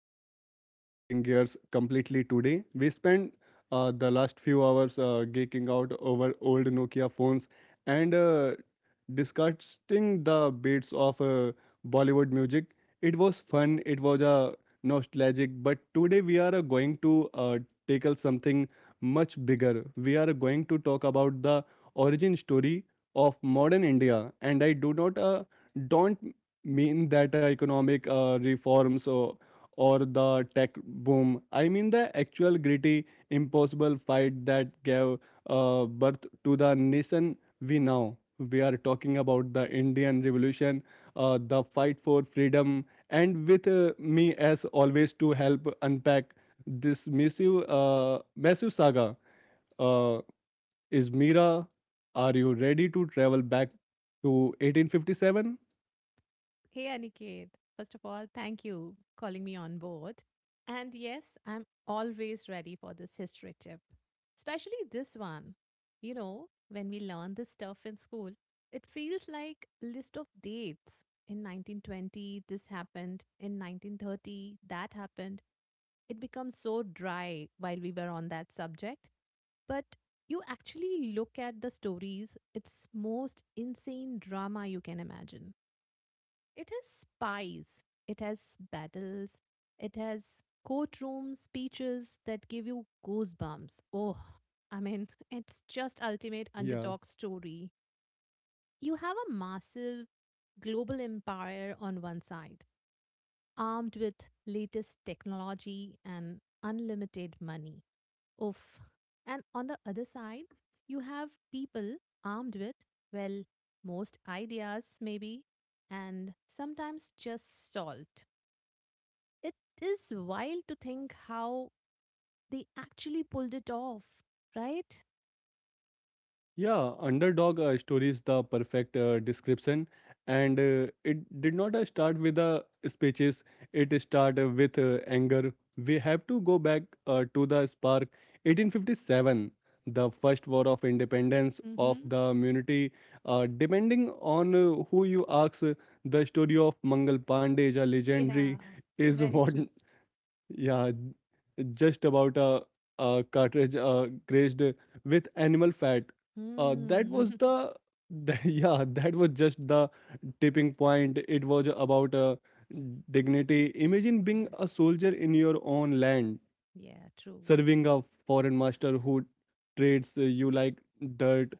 everyone. We are shifting gears completely today. We spent the last few hours geeking out over old Nokia phones and discussing the beats of Bollywood music. It was fun, it was nostalgic, but today we are going to tackle something much bigger. We are going to talk about the origin story of modern India, and I do not don't mean that economic reforms or the tech boom. I mean the actual gritty, impossible fight that gave birth to the nation we now. We are talking about the Indian Revolution, the fight for freedom, and with me as always to help unpack this massive, massive saga uh, is Mira. Are you ready to travel back to 1857? Hey, Aniket. First of all, thank you calling me on board. And yes, I'm always ready for this history tip, especially this one. You know, when we learn this stuff in school, it feels like list of dates. In 1920, this happened. In 1930, that happened. It becomes so dry while we were on that subject. But you actually look at the stories, it's most insane drama you can imagine. It has spies, it has battles, it has courtroom speeches that give you goosebumps. Oh, it's just ultimate Yeah. underdog story. You have a massive global empire on one side, armed with latest technology and unlimited money. Oof. And on the other side, you have people armed with, well, most ideas, maybe, and sometimes just salt. It is wild to think how they actually pulled it off, right? Yeah, underdog story is the perfect description, and it did not start with the speeches. It started with anger. We have to go back to the spark. 1857, the first war of independence of Mm-hmm. the community. Depending on who you ask, the story of Mangal Pandey is a legendary. Yeah, Is very what, true. yeah, just about a cartridge grazed with animal fat. That Hmm. was the that was just the tipping point. It was about dignity. Imagine being a yes. soldier in your own land, Yeah, true. serving a foreign master who treats you like dirt.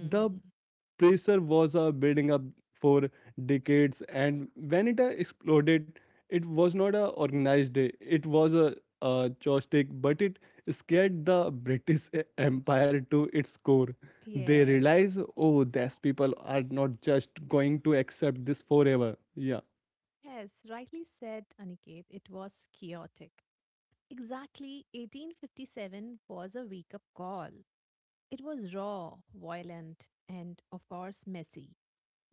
The pressure was building up for decades, and when it exploded it was not a organized day, it was a joystick, but it scared the british empire to its core. They Yes. realized, oh, these people are not just going to accept this forever. yeah Yes, rightly said, Aniket. It was chaotic. Exactly 1857 was a wake up call. It was raw, violent, and of course messy.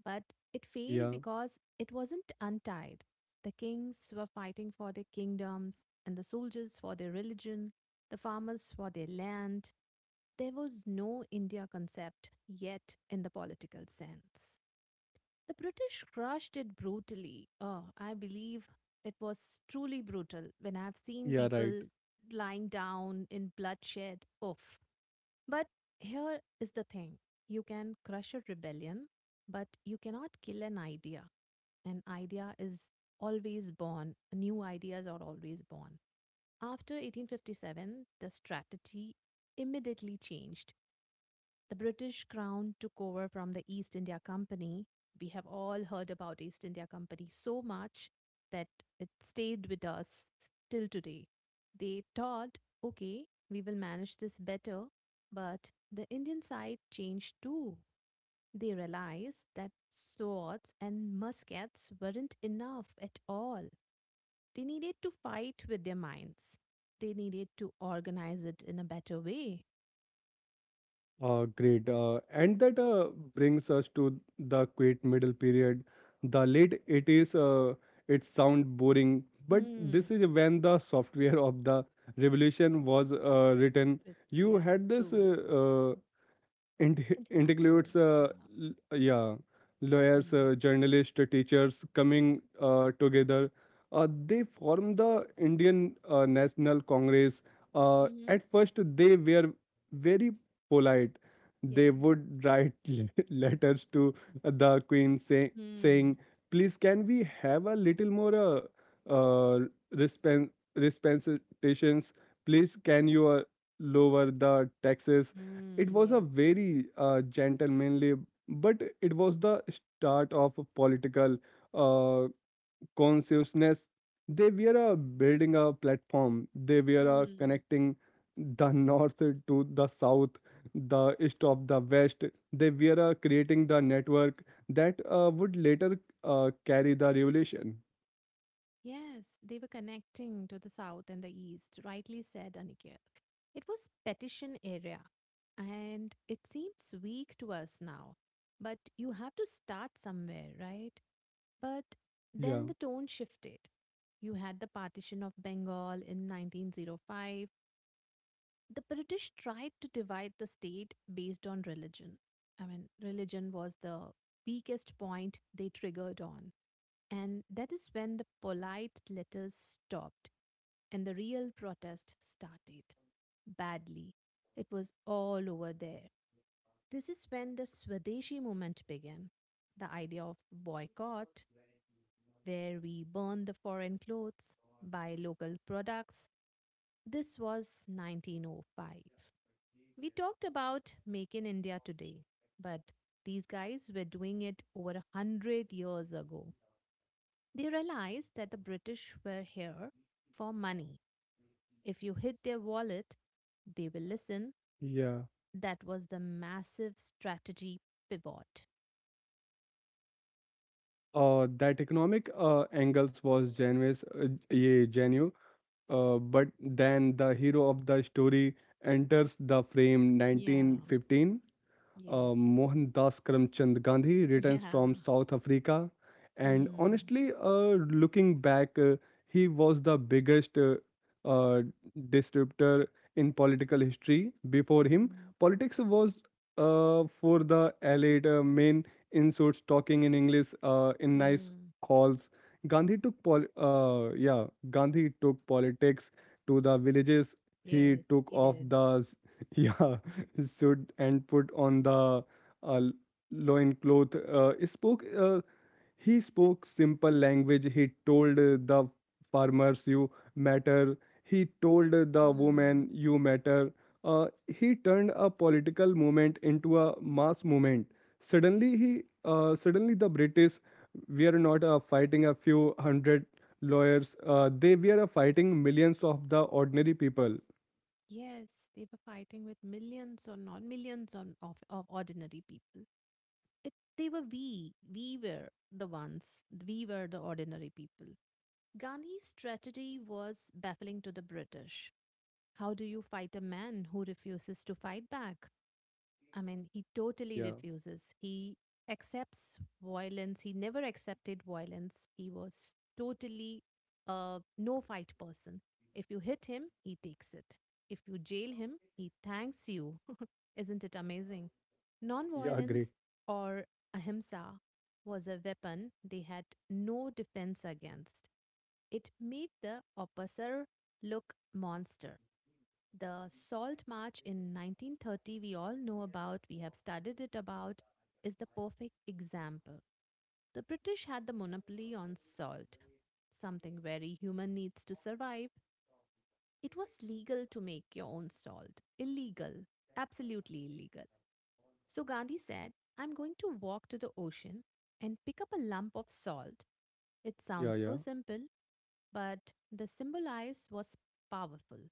But it failed yeah because it wasn't untied. The kings were fighting for their kingdoms, and the soldiers for their religion, the farmers for their land. There was no India concept yet in the political sense. The British crushed it brutally. Oh, I believe it was truly brutal when I've seen yeah right. people lying down in bloodshed. Oof. But here is the thing you can crush a rebellion, but you cannot kill an idea. An idea is always born, new ideas are always born. After 1857, the strategy immediately changed. The British Crown took over from the East India Company. We have all heard about East India Company so much that it stayed with us till today. They thought, okay, we will manage this better, but the Indian side changed too. They realized that swords and muskets weren't enough at all. They needed to fight with their minds. They needed to organize it in a better way. Great. And that brings us to the quiet middle period, the late 80s. It sound boring, but Hmm. this is when the software of the revolution was written. You Yeah, had this true. Uh, it includes, Intellectuals, yeah. l- yeah, Mm. lawyers, journalists, teachers coming together. Uh, they formed the Indian National Congress. Mhm. At first, they were very polite. Yeah. They would write letters to the Queen, say, Mm. saying, "Please, can we have a little more uh, respen- respensations? Please, can you lower the taxes?" It Mm. was a Yes. very gentlemanly, but it was the start of a political uh, consciousness. They were building a platform. They were Mm. connecting the north to the south, the east of the west. They were creating the network that would later carry the revolution. Yes, they were connecting to the south and the east, rightly said Aniket. It was petition area, and it seems weak to us now. But you have to start somewhere, right? But Yeah, then the tone shifted. You had the partition of Bengal in 1905, the British tried to divide the state based on religion. I mean, religion was the weakest point they triggered on. And that is when the polite letters stopped and the real protest started. Badly. It was all over there. This is when the Swadeshi movement began. The idea of boycott, where we burn the foreign clothes, buy local products. This was 1905. We talked about Make in India today, but these guys were doing it over a hundred years ago. They realized that the British were here for money. If you hit their wallet, they will listen. yeah. That was the massive strategy pivot. That economic angles was genuine. Uh, yeah, genuine. But then the hero of the story enters the frame, Yeah. 1915. Yes. Mohandas Karamchand Gandhi returns Yeah. from South Africa. And Hmm. honestly, looking back, he was the biggest uh, disruptor in political history. Before him, Hmm. politics was for the elite, men in suits talking in English in nice Hmm. halls. Gandhi took politics to the villages. He Yes, took he off did. the yeah his suit and put on the uh, loincloth. He spoke simple language. He told the farmers, "You matter." He told the Hmm. woman, "You matter." He turned a political movement into a mass movement. Suddenly the British were not fighting a few hundred lawyers. They were fighting millions of the ordinary people. Yes, they were fighting with millions or not millions on, of ordinary people. It, they were we. We were the ones. We were the ordinary people. Gandhi's strategy was baffling to the British. How do you fight a man who refuses to fight back? I mean, he totally Yeah, refuses. He accepts violence. He never accepted violence. He was totally a no fight person. If you hit him, he takes it. If you jail him, he thanks you. Isn't it amazing? yeah, agree. Nonviolence or ahimsa was a weapon they had no defense against. It made the oppressor look monster. The Salt March in 1930, we all know about, we have studied it about, is the perfect example. The British had the monopoly on salt, something very human needs to survive. It was legal to make your own salt. Illegal. Absolutely illegal. So Gandhi said, I'm going to walk to the ocean and pick up a lump of salt. It Yeah, sounds yeah. so simple, but the symbolize was powerful.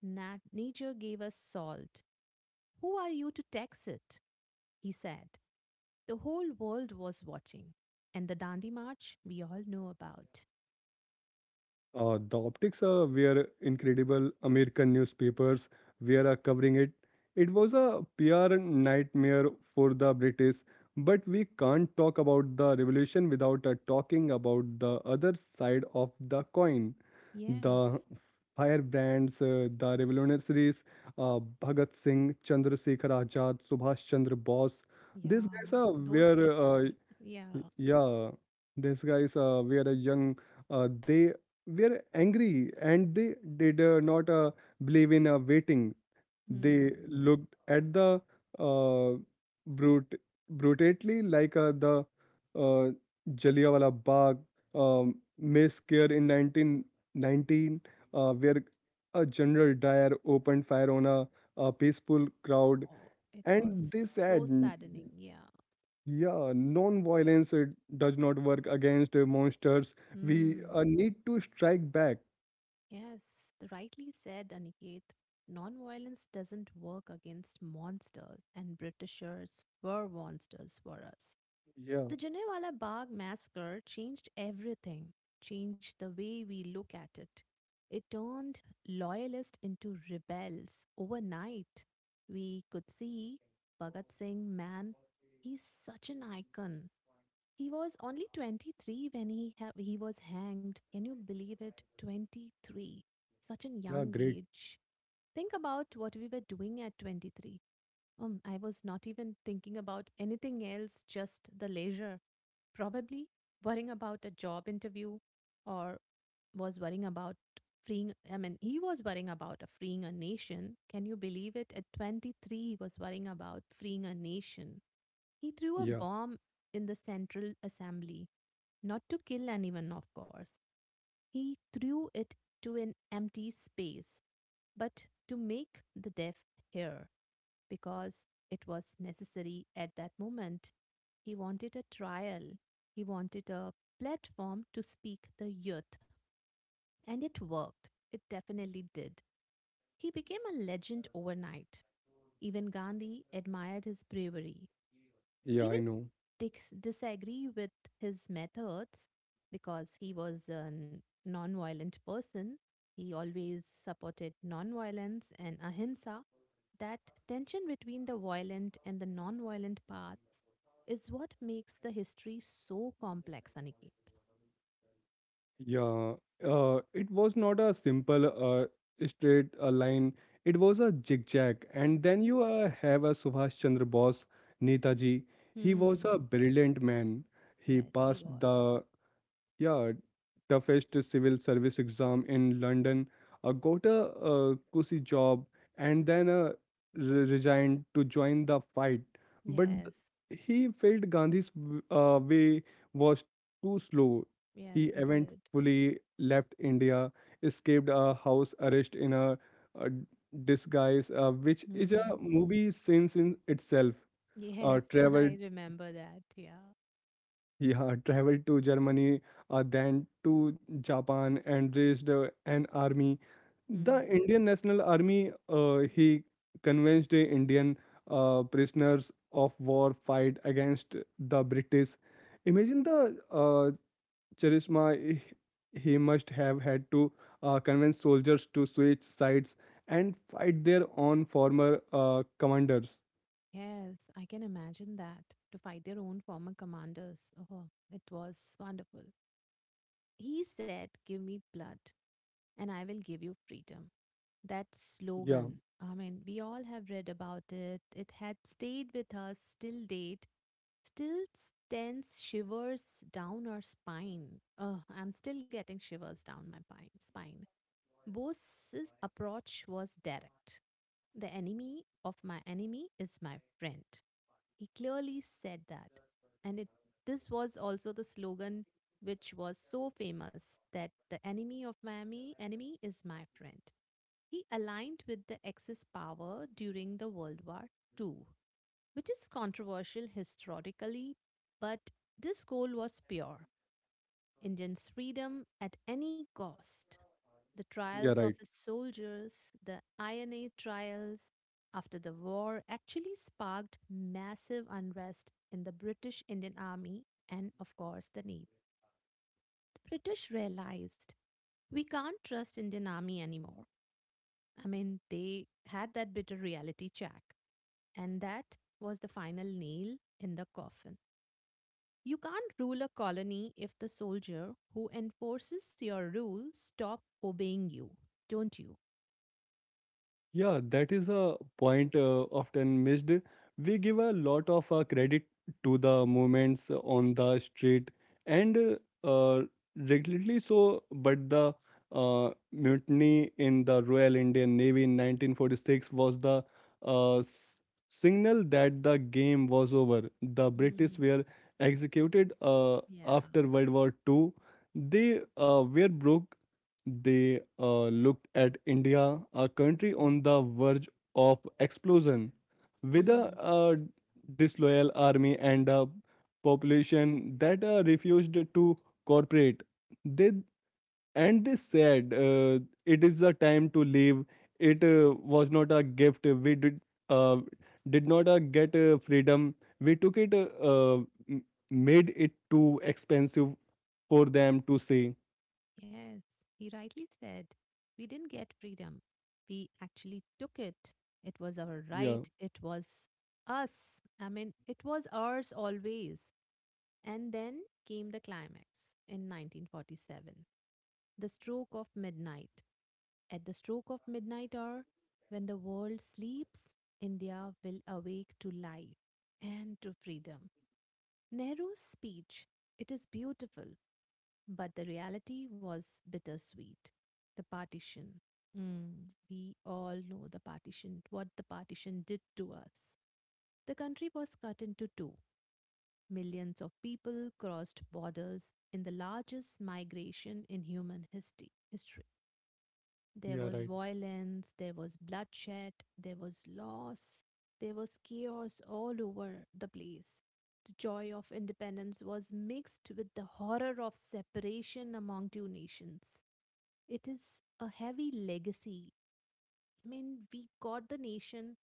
Nature gave us salt, who are you to tax it? He said. The whole world was watching. And the Dandi March we all know about. The optics were incredible. American newspapers were covering it. It was a PR nightmare for the British, but we can't talk about the revolution without talking about the other side of the coin. The Yes. firebrands, the revolutionaries, Bhagat Singh, Chandrasekhar Azad, Subhash Chandra Bose. These Yeah. guys Those people. Yeah. Y- yeah, these guys were a young, they were angry, and they did not believe in waiting. They Hmm. looked at the uh, brute, brutally like the uh, Jallianwala Bagh mass scare in 1919, where a General Dyer opened fire on a peaceful crowd. Oh, it was And they so said. saddening. Yeah. Yeah, non-violence does not work against monsters. We Hmm. Need to strike back. Yes. Rightly said, Aniket. Nonviolence doesn't work against monsters, and Britishers were monsters for us. Yeah, The Janewala Bagh massacre changed everything, changed the way we look at it. It turned loyalists into rebels overnight. We could see Bhagat Singh, man, he's such an icon. He was only 23 when he was hanged. Can you believe it? 23. Such a yeah, young great. age. Think about what we were doing at 23. I was not even thinking about anything else, just the leisure. Probably worrying about a job interview or was worrying about freeing, I mean, he was worrying about a freeing a nation. Can you believe it? At 23, he was worrying about freeing a nation. He threw a Yeah, bomb in the Central Assembly, not to kill anyone, of course. He threw it to an empty space, but to make the deaf hear because it was necessary at that moment. He wanted a trial, he wanted a platform to speak the youth. And it worked. It definitely did. He became a legend overnight. Even Gandhi admired his bravery. yeah, Even I know. Disagree with his methods because he was a non-violent person. He always supported non-violence and ahimsa. That tension between the violent and the non-violent paths is what makes the history so complex, Aniket. Yeah, it was not a simple straight line. It was a zigzag. And then you have a Subhash Chandra Bose, Netaji. He was a Hmm. brilliant man. He Yes, he passed was. the Yeah, toughest civil service exam in London. Got a cushy job, and then resigned to join the fight. But Yes. he felt Gandhi's way was too slow. He Yes, he did. eventually left India, escaped a house arrest in a, uh disguise, which is a Hmm. movie since in itself. Uh, Yes, I traveled remember that. Yeah. yeah, traveled to Germany, then to Japan, and raised an army. The Hmm. Indian National Army, he convinced the Indian prisoners of war fight against the British. Imagine the charisma he must have had to convince soldiers to switch sides and fight their own former commanders. Yes, I can imagine that. To fight their own former commanders. Oh, it was wonderful. He said, give me blood, and I will give you freedom. That Yeah, slogan, I mean, we all have read about it. It had stayed with us till date, still sends shivers down our spine. Oh, I'm still getting shivers down my pine, spine. Bose's approach was direct. The enemy of my enemy is my friend. He clearly said that. And it, this was also the slogan which was so famous that the enemy of Miami enemy is my friend. He aligned with the Axis power during the World War Two, which is controversial historically, but this goal was pure. Indians' freedom at any cost. The trials yeah, of right. his soldiers, the INA trials after the war, actually sparked massive unrest in the British Indian Army and, of course, the Navy. The British realized we can't trust Indian Army anymore. I mean, they had that bitter reality check, and that was the final nail in the coffin. You can't rule a colony if the soldier who enforces your rule stop obeying you, don't you? Yeah, that is a point often missed. We give a lot of credit to the movements on the street and uh, regularly so, but the mutiny in the Royal Indian Navy in 1946 was the uh, s- signal that the game was over. The British Mm, were executed yeah. after World War Two. They were broke. They looked at India, a country on the verge of explosion, Mm. with a, Mm. uh, disloyal army and a population that refused to cooperate. They they said it is a time to leave. It was not a gift. We uh, did not get freedom. We took it. M- made it too expensive for them to see. Yes, he rightly said, we didn't get freedom. We actually took it. It was our Yeah, right. It was us. I mean, it was ours always. And then came the climax in 1947, the stroke of midnight. At the stroke of midnight hour, when the world sleeps, India will awake to life and to freedom. Nehru's speech, it is beautiful, but the reality was bittersweet. The partition. Mm, we all know the partition, what the partition did to us. The country was cut into two. Millions of people crossed borders in the largest migration in human history. History. There yeah, was right. violence, there was bloodshed, there was loss, there was chaos all over the place. The joy of independence was mixed with the horror of separation among two nations. It is a heavy legacy. I mean, we got the nation,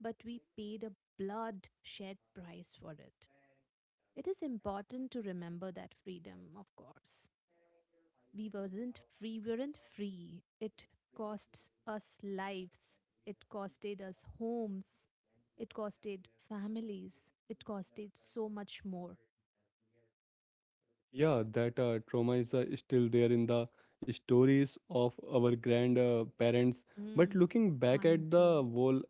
but we paid a blood shed price for it. It is important to remember that freedom, of course we weren't free, it cost us lives, it costed us homes, it costed families, it costed so much more. Yeah, that trauma is still there in the stories of our grandparents. But Mm. looking back Mine at too. the whole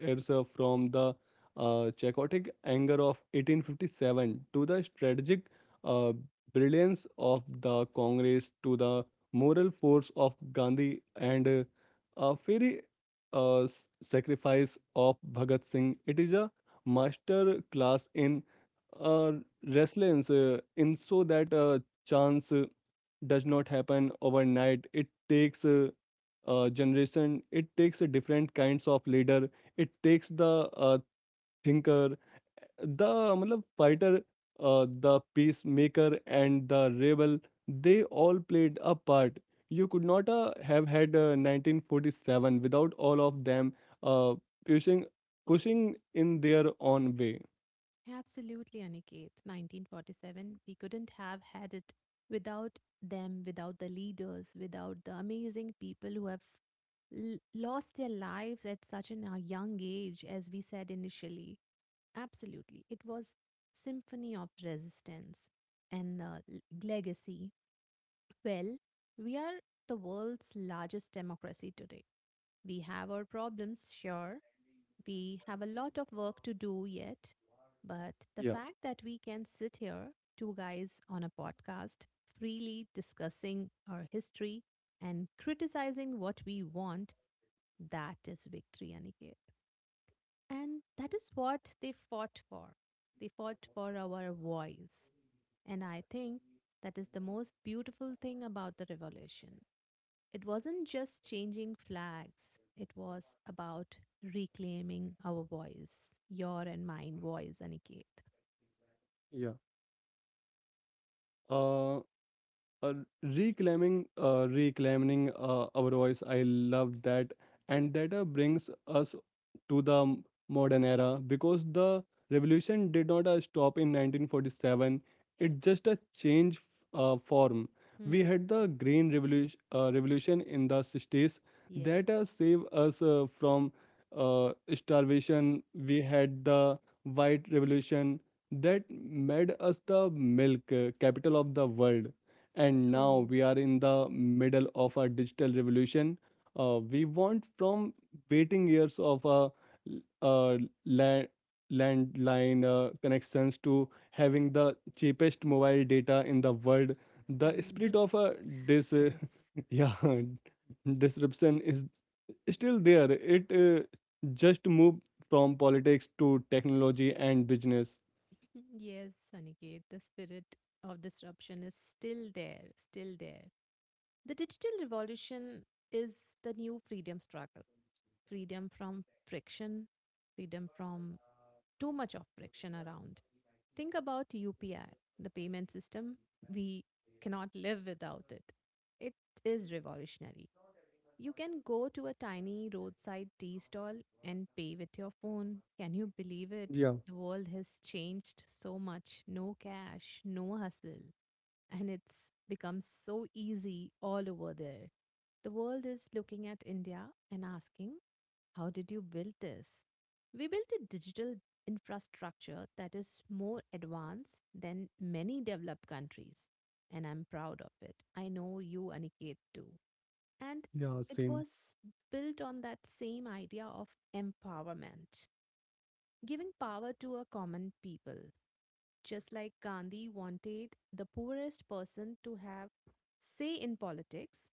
herself from the Chakotay anger of 1857 to the strategic uh, brilliance of the Congress to the moral force of Gandhi and a fiery sacrifice of Bhagat Singh. It is a master class in uh, resilience, in so that chance does not happen overnight. It takes generation. It takes different kinds of leader, it takes the thinker, the matlab, fighter, the peacemaker, and the rebel. They all played a part. You could not have had 1947 without all of them uh, pushing, pushing in their own way. Absolutely, Aniket. 1947, we couldn't have had it without them, without the leaders, without the amazing people who have lost their lives at such a young age, as we said initially. Absolutely. It was symphony of resistance and legacy. Well, we are the world's largest democracy today. We have our problems, sure, we have a lot of work to do yet, but the Yeah, fact that we can sit here, two guys on a podcast, freely discussing our history and criticizing what we want, that is victory, Aniket. And that is what they fought for. They fought for our voice. And I think that is the most beautiful thing about the revolution. It wasn't just changing flags, it was about reclaiming our voice, your and mine voice, Aniket. yeah. Uh, uh, Re- reclaiming our voice. I love that, and that brings us to the modern era, because the revolution did not stop in 1947. It just a change form. We Hmm, had the green revolution in the 60s that yes, saved us from starvation. We had the white revolution that made us the milk capital of the world, and now true. we are in the middle of a digital revolution. We want from waiting years of a, uh land, landline connections to having the cheapest mobile data in the world. The Mhm. spirit of a dis, Yes, yeah, disruption is still there. It just moved from politics to technology and business. yes, Aniket, the spirit of disruption is still there, still there. The digital revolution is the new freedom struggle, freedom from friction, freedom from too much of friction around. Think about UPI, the payment system. We cannot live without it. It is revolutionary. You can go to a tiny roadside tea stall and pay with your phone. Can you believe it? Yeah, The world has changed so much. No cash, no hustle and it's become so easy all over there. The world is looking at India and asking, how did you build this? We built a digital infrastructure that is more advanced than many developed countries, and I'm proud of it. I know you, Aniket, too. And yeah, it same. was built on that same idea of empowerment, giving power to a common people just like Gandhi wanted the poorest person to have say in politics,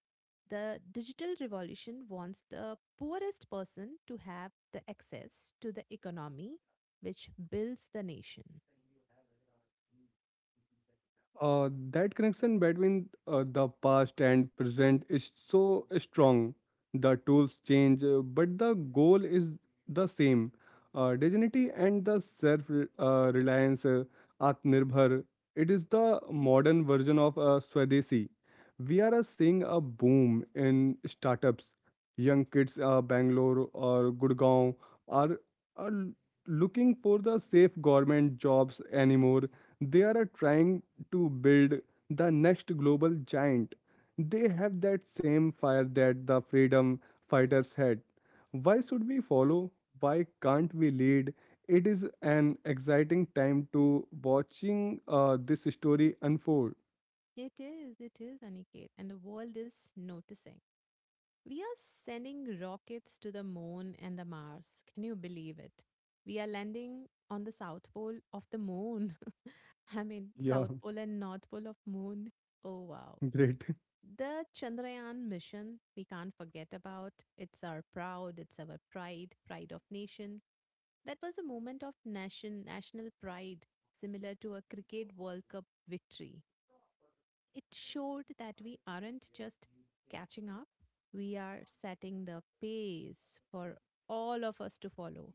the digital revolution wants the poorest person to have the access to the economy which builds the nation. That connection between the past and present is so strong. The tools change, but the goal is the same. Dignity and the self reliance, Atmanirbhar, it is the modern version of Swadeshi. We are seeing a boom in startups. Young kids, Bangalore or Gurgaon, are, are looking for the safe government jobs anymore. They are trying to build the next global giant. They have that same fire that the freedom fighters had. Why should we follow? Why can't we lead? It is an exciting time to watching this story unfold. It is, Aniket, and the world is noticing. We are sending rockets to the moon and the Mars. Can you believe it? We are landing on the south pole of the moon. I mean, Yeah, south pole and north pole of moon. Oh wow. great. The Chandrayaan mission, we can't forget about. It's our proud, it's our pride of nation. That was a moment of nation, national pride, similar to a cricket World Cup victory. It showed that we aren't just catching up, we are setting the pace for all of us to follow.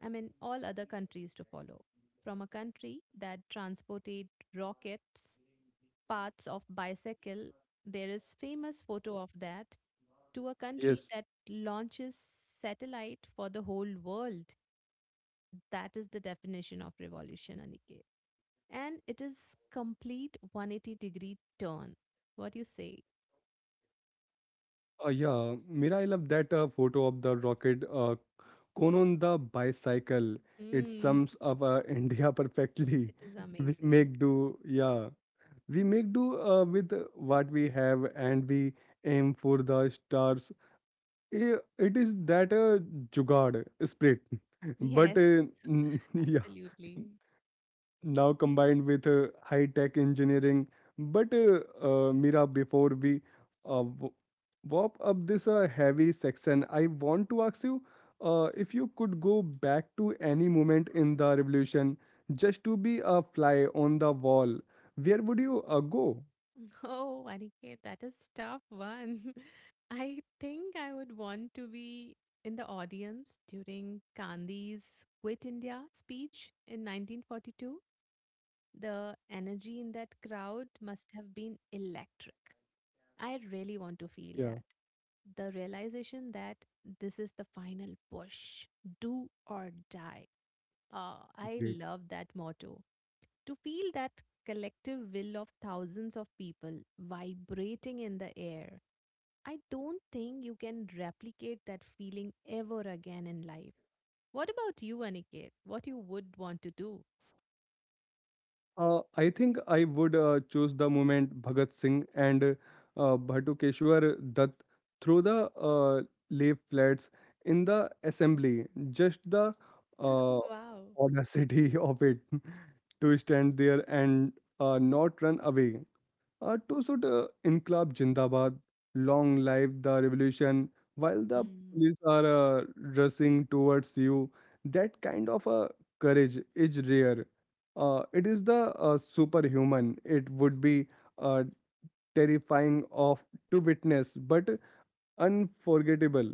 I mean, all other countries to follow. From a country that transported rockets parts of bicycle, there is famous photo of that, to a country Yes. that launches satellite for the whole world, that is the definition of revolution, Aniket, and it is complete 180-degree turn. What do you say? Yeah, Mira, I love that photo of the rocket cone on the bicycle. It mm, sums up India perfectly. it is We amazing. make do. Yeah. We make do with what we have, and we aim for the stars. It is that jugaad spirit. But Yes, yeah, absolutely. now combined with high tech engineering. But Mira, before we uh, w- warp up this heavy section, I want to ask you if you could go back to any moment in the revolution just to be a fly on the wall, where would you go? Oh, Aniket, that is tough one. I think I would want to be in the audience during Gandhi's Quit India speech in 1942. The energy in that crowd must have been electric. I really want to feel that. The realization that this is the final push, do or die. I Great. love that motto. To feel that collective will of thousands of people vibrating in the air, I don't think you can replicate that feeling ever again in life. What about you, Aniket? What you would want to do? I think I would choose the moment Bhagat Singh and Bhatukeshwar Dutt through the lay flats in the assembly. Just the uh, Wow. audacity of it to stand there and not run away. To suit Inqilab Jindabad, long live the revolution, while the Hmm. police are uh, rushing towards you, that kind of courage is rare. It is the superhuman. It would be uh, terrifying of to witness, but unforgettable.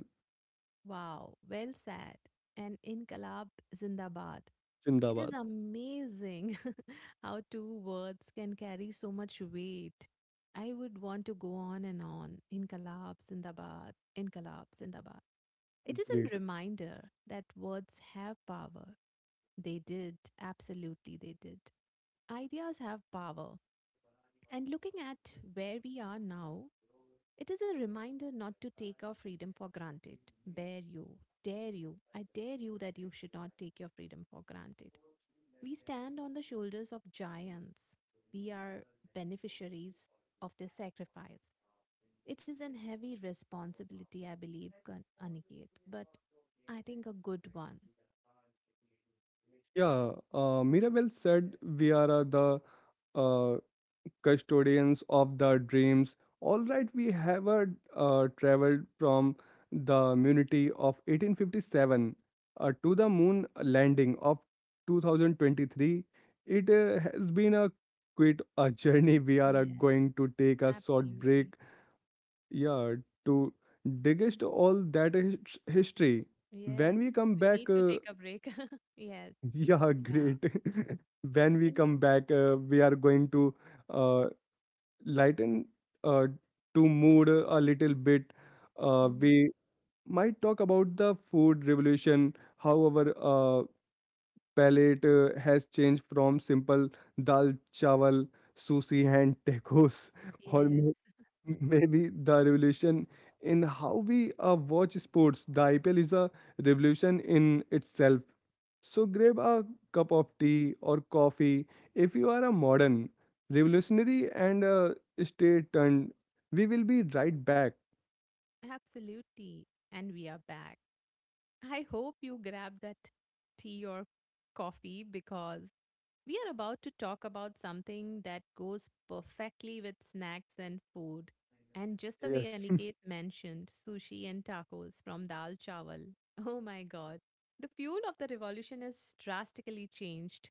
Wow, well said. And Inkalab Zindabad. It is Jindabad. amazing how two words can carry so much weight. I would want to go on and on. Inkalab Sindabad, Inkalab Sindabad. It is Great. a reminder that words have power. They did, absolutely, they did. Ideas have power. And looking at where we are now, it is a reminder not to take our freedom for granted. Dare you, dare you, I dare you that you should not take your freedom for granted. We stand on the shoulders of giants. We are beneficiaries of their sacrifice. It is a heavy responsibility, I believe, Aniket, but I think a good one. Yeah, Mira, well said. We are the uh, custodians of the dreams. All right, we have traveled from the immunity of 1857 to the moon landing of 2023. It has been a quite a journey. We are Yes, going to take a short break, absolutely. yeah, to Mm. digest all that history. When Yes, we come we back, need to take a break. Yes, yeah, yeah. great. When we When come back, we are going to uh, lighten uh, to mood a little bit, hmm. we might talk about the food revolution, how our palate has changed from simple dal, chawal, sushi, and tacos, or Yes, maybe the revolution in how we watch sports. The IPL is a revolution in itself. So grab a cup of tea or coffee if you are a modern, revolutionary, and stay tuned. We will be right back. absolutely. And we are back. I hope you grab that tea or coffee because we are about to talk about something that goes perfectly with snacks and food. And just the way Yes. Aniket mentioned sushi and tacos from dal chawal. Oh my god. The fuel of the revolution has drastically changed.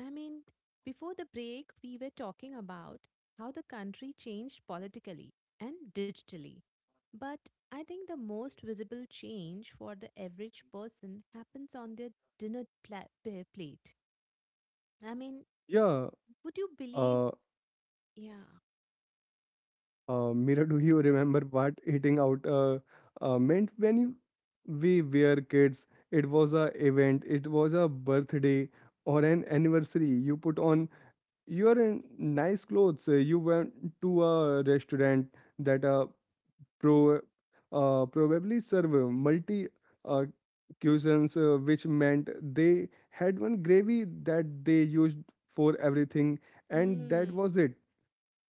I mean, before the break, we were talking about how the country changed politically and digitally. But I think the most visible change for the average person happens on their plate. I mean, Yeah. would you believe? Uh, Yeah. Mira, do you remember what eating out meant when we were kids? It was a event. It was a birthday or an anniversary. You put on you're in nice clothes. You went to a restaurant that pro probably serve multi uh, cuisines, which meant they had one gravy that they used for everything, and that Hmm. was it.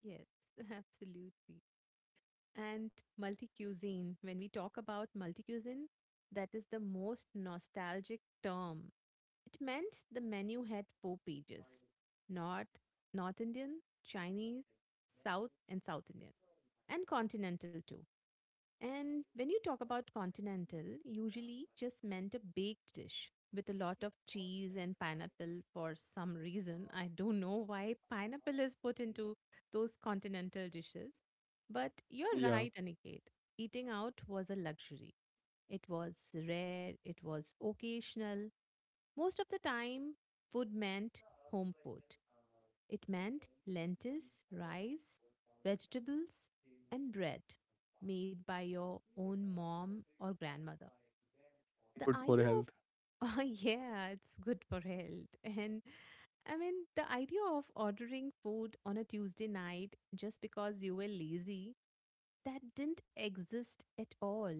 Yes, absolutely. And multi cuisine. When we talk about multi cuisine, that is the most nostalgic term. It meant the menu had four pages. North, North Indian, Chinese, South, and South Indian, and continental too. And when you talk about continental, usually just meant a baked dish with a lot of cheese and pineapple for some reason. I don't know why pineapple is put into those continental dishes. But you're Yeah, right, Aniket. Eating out was a luxury. It was rare, it was occasional. Most of the time, food meant home food. It meant lentils, rice, vegetables, and bread made by your own mom or grandmother. The good for idea of, health. oh, yeah, it's good for health. And I mean, the idea of ordering food on a Tuesday night just because you were lazy, that didn't exist at all.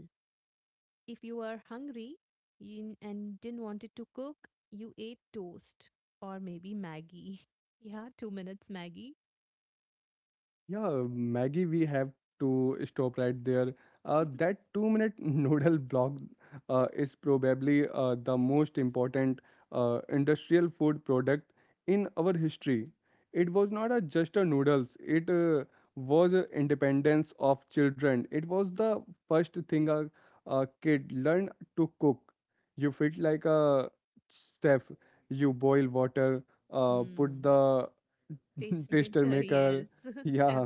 If you were hungry and didn't want to cook, you ate toast or maybe Maggie. Yeah, 2 minutes Maggie. Yeah, Maggie, we have to stop right there. That 2-minute noodle block is probably the most important industrial food product in our history. It was not a, just a noodles, it was a independence of children. It was the first thing a kid learned to cook. You felt like a chef. You boil water, put Hmm. the taster Tastemaker, maker, yes. yeah.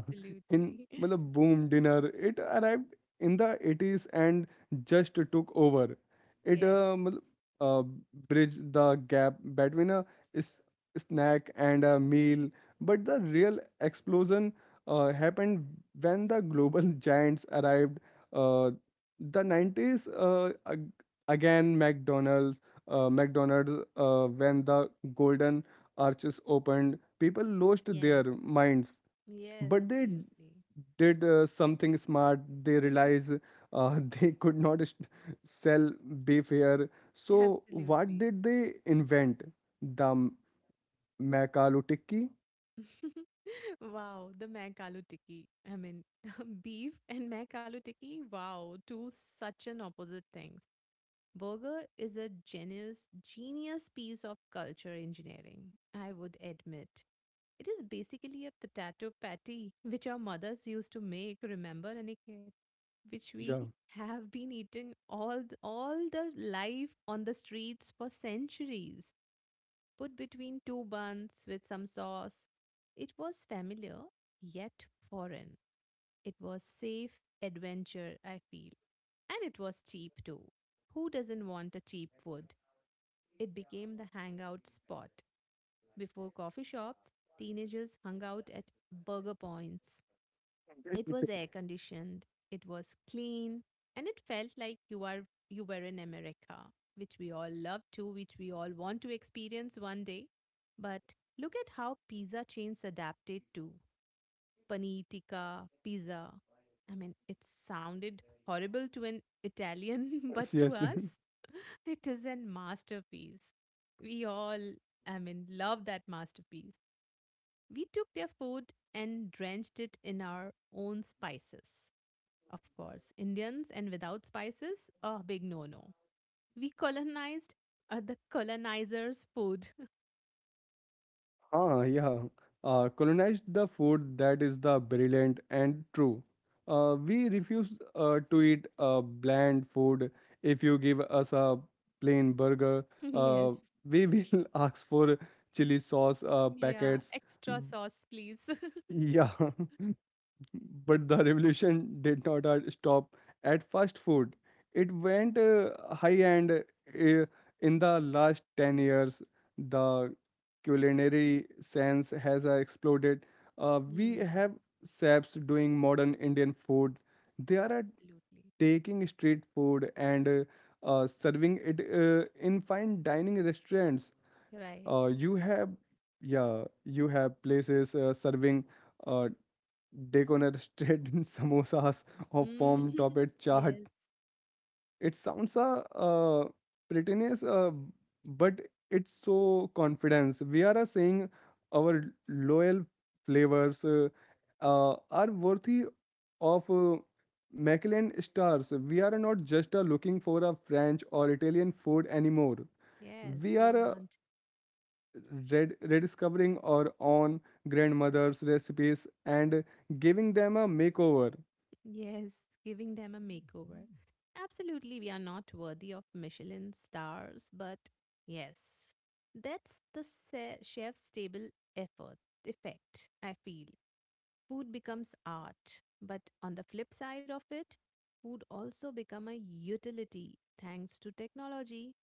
In मतलब boom dinner it arrived in the 80s and just took over it Yes. मतलब uh, bridged the gap between a s- snack and a meal, but the real explosion happened when the global giants arrived, uh, the 90s, again. McDonald's, McDonald's, when the golden arches opened, people lost Yes. their minds. Yes, But they absolutely. did something smart. They realized they could not sell beef here, so what Absolutely. did they invent? The makalu tikki. Wow, the mac aloo tikki. I mean, beef and mac aloo tikki. Wow, two such an opposite things. Burger is a genius, genius piece of culture engineering, I would admit. It is basically a potato patty which our mothers used to make, remember, Aniket? Which we Yeah. have been eating all the life on the streets for centuries. Put between two buns with some sauce. It was familiar yet foreign. It was safe adventure, I feel. And it was cheap too. Who doesn't want a cheap food? It became the hangout spot. Before coffee shops, teenagers hung out at burger points. It was air conditioned, it was clean, and it felt like you were in America, which we all want to experience one day. But look at how pizza chains adapted to paneer tikka pizza. I mean, it sounded horrible to an Italian, Yes, but to yes. us, it is a masterpiece. We all, I mean, love that masterpiece. We took their food and drenched it in our own spices. Of course, Indians and without spices, a big no no. We colonized the colonizers' food. Ah, yeah. Colonized the food, that is the brilliant and true. We refuse to eat bland food. If you give us a plain burger, uh, Yes. we will ask for chili sauce Yeah. packets. Extra Mm, sauce, please. yeah. But the revolution did not stop at fast food. It went high end in the last 10 years. The culinary sense has exploded. We Mm, have chefs doing modern Indian food. They are absolutely. taking street food and serving it in fine dining restaurants. Right. You have, yeah, you have places serving Uh, deconstructed in samosas or form Mhm. topped chaat. Yes. It sounds a prettiness, but it's so confidence. We are saying our loyal flavors are worthy of Michelin stars. We are not just looking for a French or Italian food anymore. Yes. We We are are. Rediscovering our own grandmother's recipes and giving them a makeover. Yes, giving them a makeover. Absolutely, we are not worthy of Michelin stars, but yes, that's the chef's table effort effect, I feel food becomes art. But on the flip side of it, food also become a utility thanks to technology.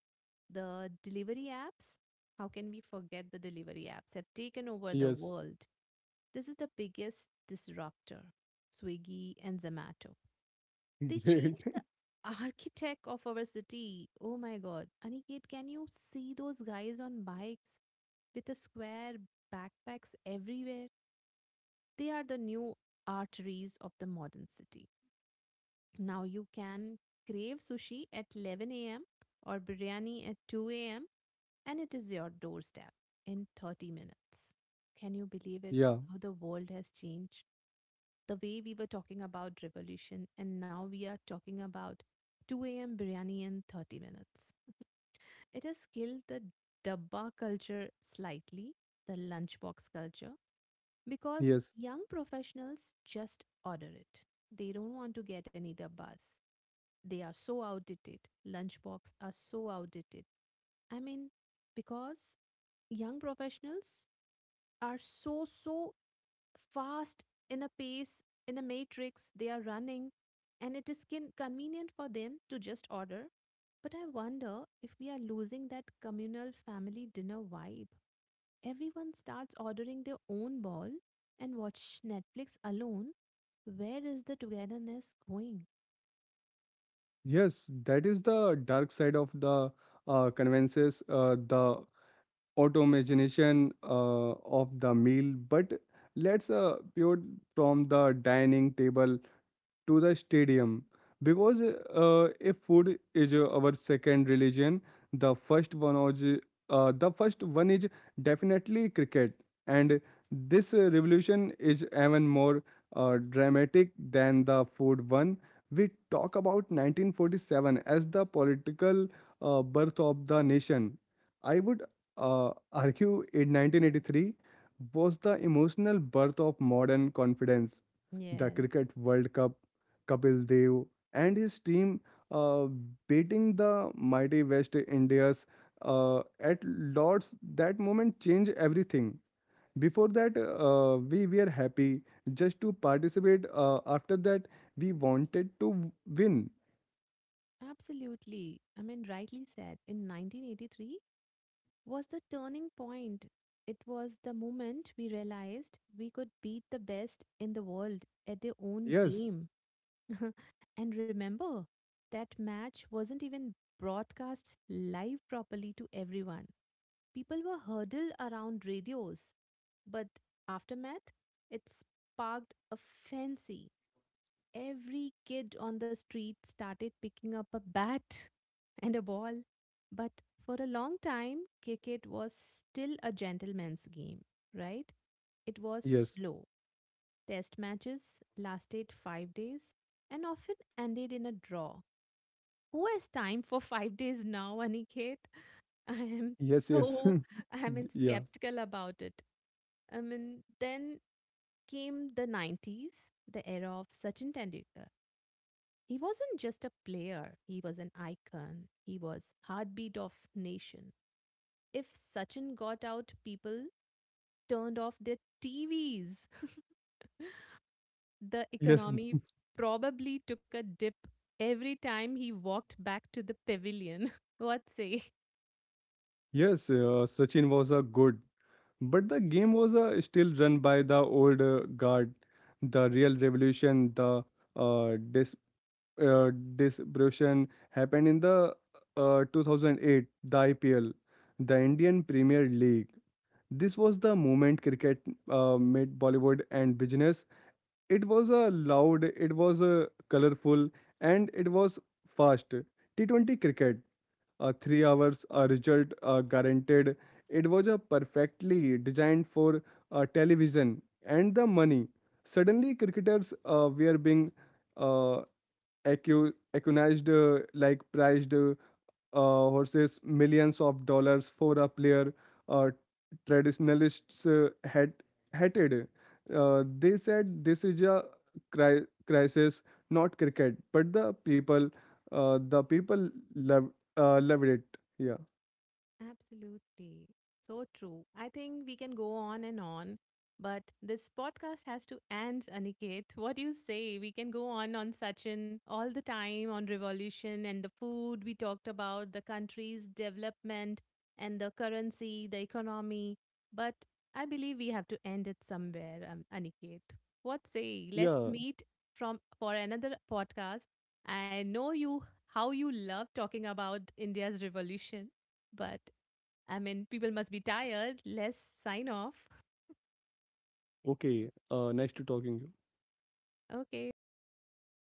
The delivery apps, how can we forget the delivery apps, have taken over the Yes. world. This is the biggest disruptor, Swiggy and Zomato. They Great. changed the architect of our city. Oh my god. Aniket, can you see those guys on bikes with the square backpacks everywhere? They are the new arteries of the modern city. Now you can crave sushi at 11 a.m. or biryani at 2 a.m. and it is your doorstep in 30 minutes. Can you believe it? Yeah, How the world has changed. The way we were talking about revolution and now we are talking about 2 a.m. biryani in 30 minutes. It has killed the dabba culture slightly, the lunchbox culture, because yes, young professionals just order it. They don't want to get any dabbas. They are so outdated. Lunchbox are so outdated. I mean, because young professionals are so, so fast in a pace, in a matrix, they are running, and it is convenient for them to just order. But I wonder if we are losing that communal family dinner vibe, everyone starts ordering their own ball and watch Netflix alone, where is the togetherness going? yes, that is the dark side of the conveniences, the automation of the meal. But let's pivot from the dining table to the stadium, because if food is our second religion, the first one is uh, the first one is definitely cricket. And this revolution is even more dramatic than the food one. We talk about 1947 as the political birth of the nation. I would argue in Yes. 1983 was the emotional birth of modern confidence, the Cricket Yes. World Cup, Kapil Dev and his team uh, beating the mighty West Indians at Lords, that moment changed everything. Before that, we were happy just to participate. After that, we wanted to win. Absolutely. I mean, rightly said. In 1983 was the turning point. It was the moment we realized we could beat the best in the world at their own Yes, game. And remember, that match wasn't even broadcast live properly to everyone. People were huddled around radios. But aftermath, it sparked a frenzy. Every kid on the street started picking up a bat and a ball. But for a long time, cricket was still a gentleman's game, right? It was yes, slow. Test matches lasted 5 days and often ended in a draw. Who has time for 5 days now, Aniket? I am yes, yes. so, I mean, Yeah, skeptical about it. I mean, then came the 90s, the era of Sachin Tendulkar. He wasn't just a player, he was an icon. He was heartbeat of nation. If Sachin got out, people turned off their TVs. The yes, economy probably took a dip every time he walked back to the pavilion. What say? yes. Sachin was a good, but the game was still run by the old guard. The real revolution, the uh, disruption happened in the 2008, the IPL, the Indian Premier League. This was the moment cricket made Bollywood and business. It was loud, it was colorful, and it was fast. T20 cricket, 3 hours, a result guaranteed. It was a perfectly designed for television. And the money, suddenly cricketers were being uh, accused like priced horses, millions of dollars for a player. uh, Traditionalists had hated. They said this is a crisis, not cricket, but the people, the people loved loved it. Yeah. Absolutely. So true. I think we can go on and on, but this podcast has to end, Aniket. What do you say? We can go on Sachin all the time on revolution and the food we talked about, the country's development and the currency, the economy. But I believe we have to end it somewhere, Aniket. What say? Let's Yeah, meet from for another podcast. I know you how you love talking about India's revolution. But I mean, people must be tired. Let's sign off. okay. Nice to talking you. Okay, bye. Good night.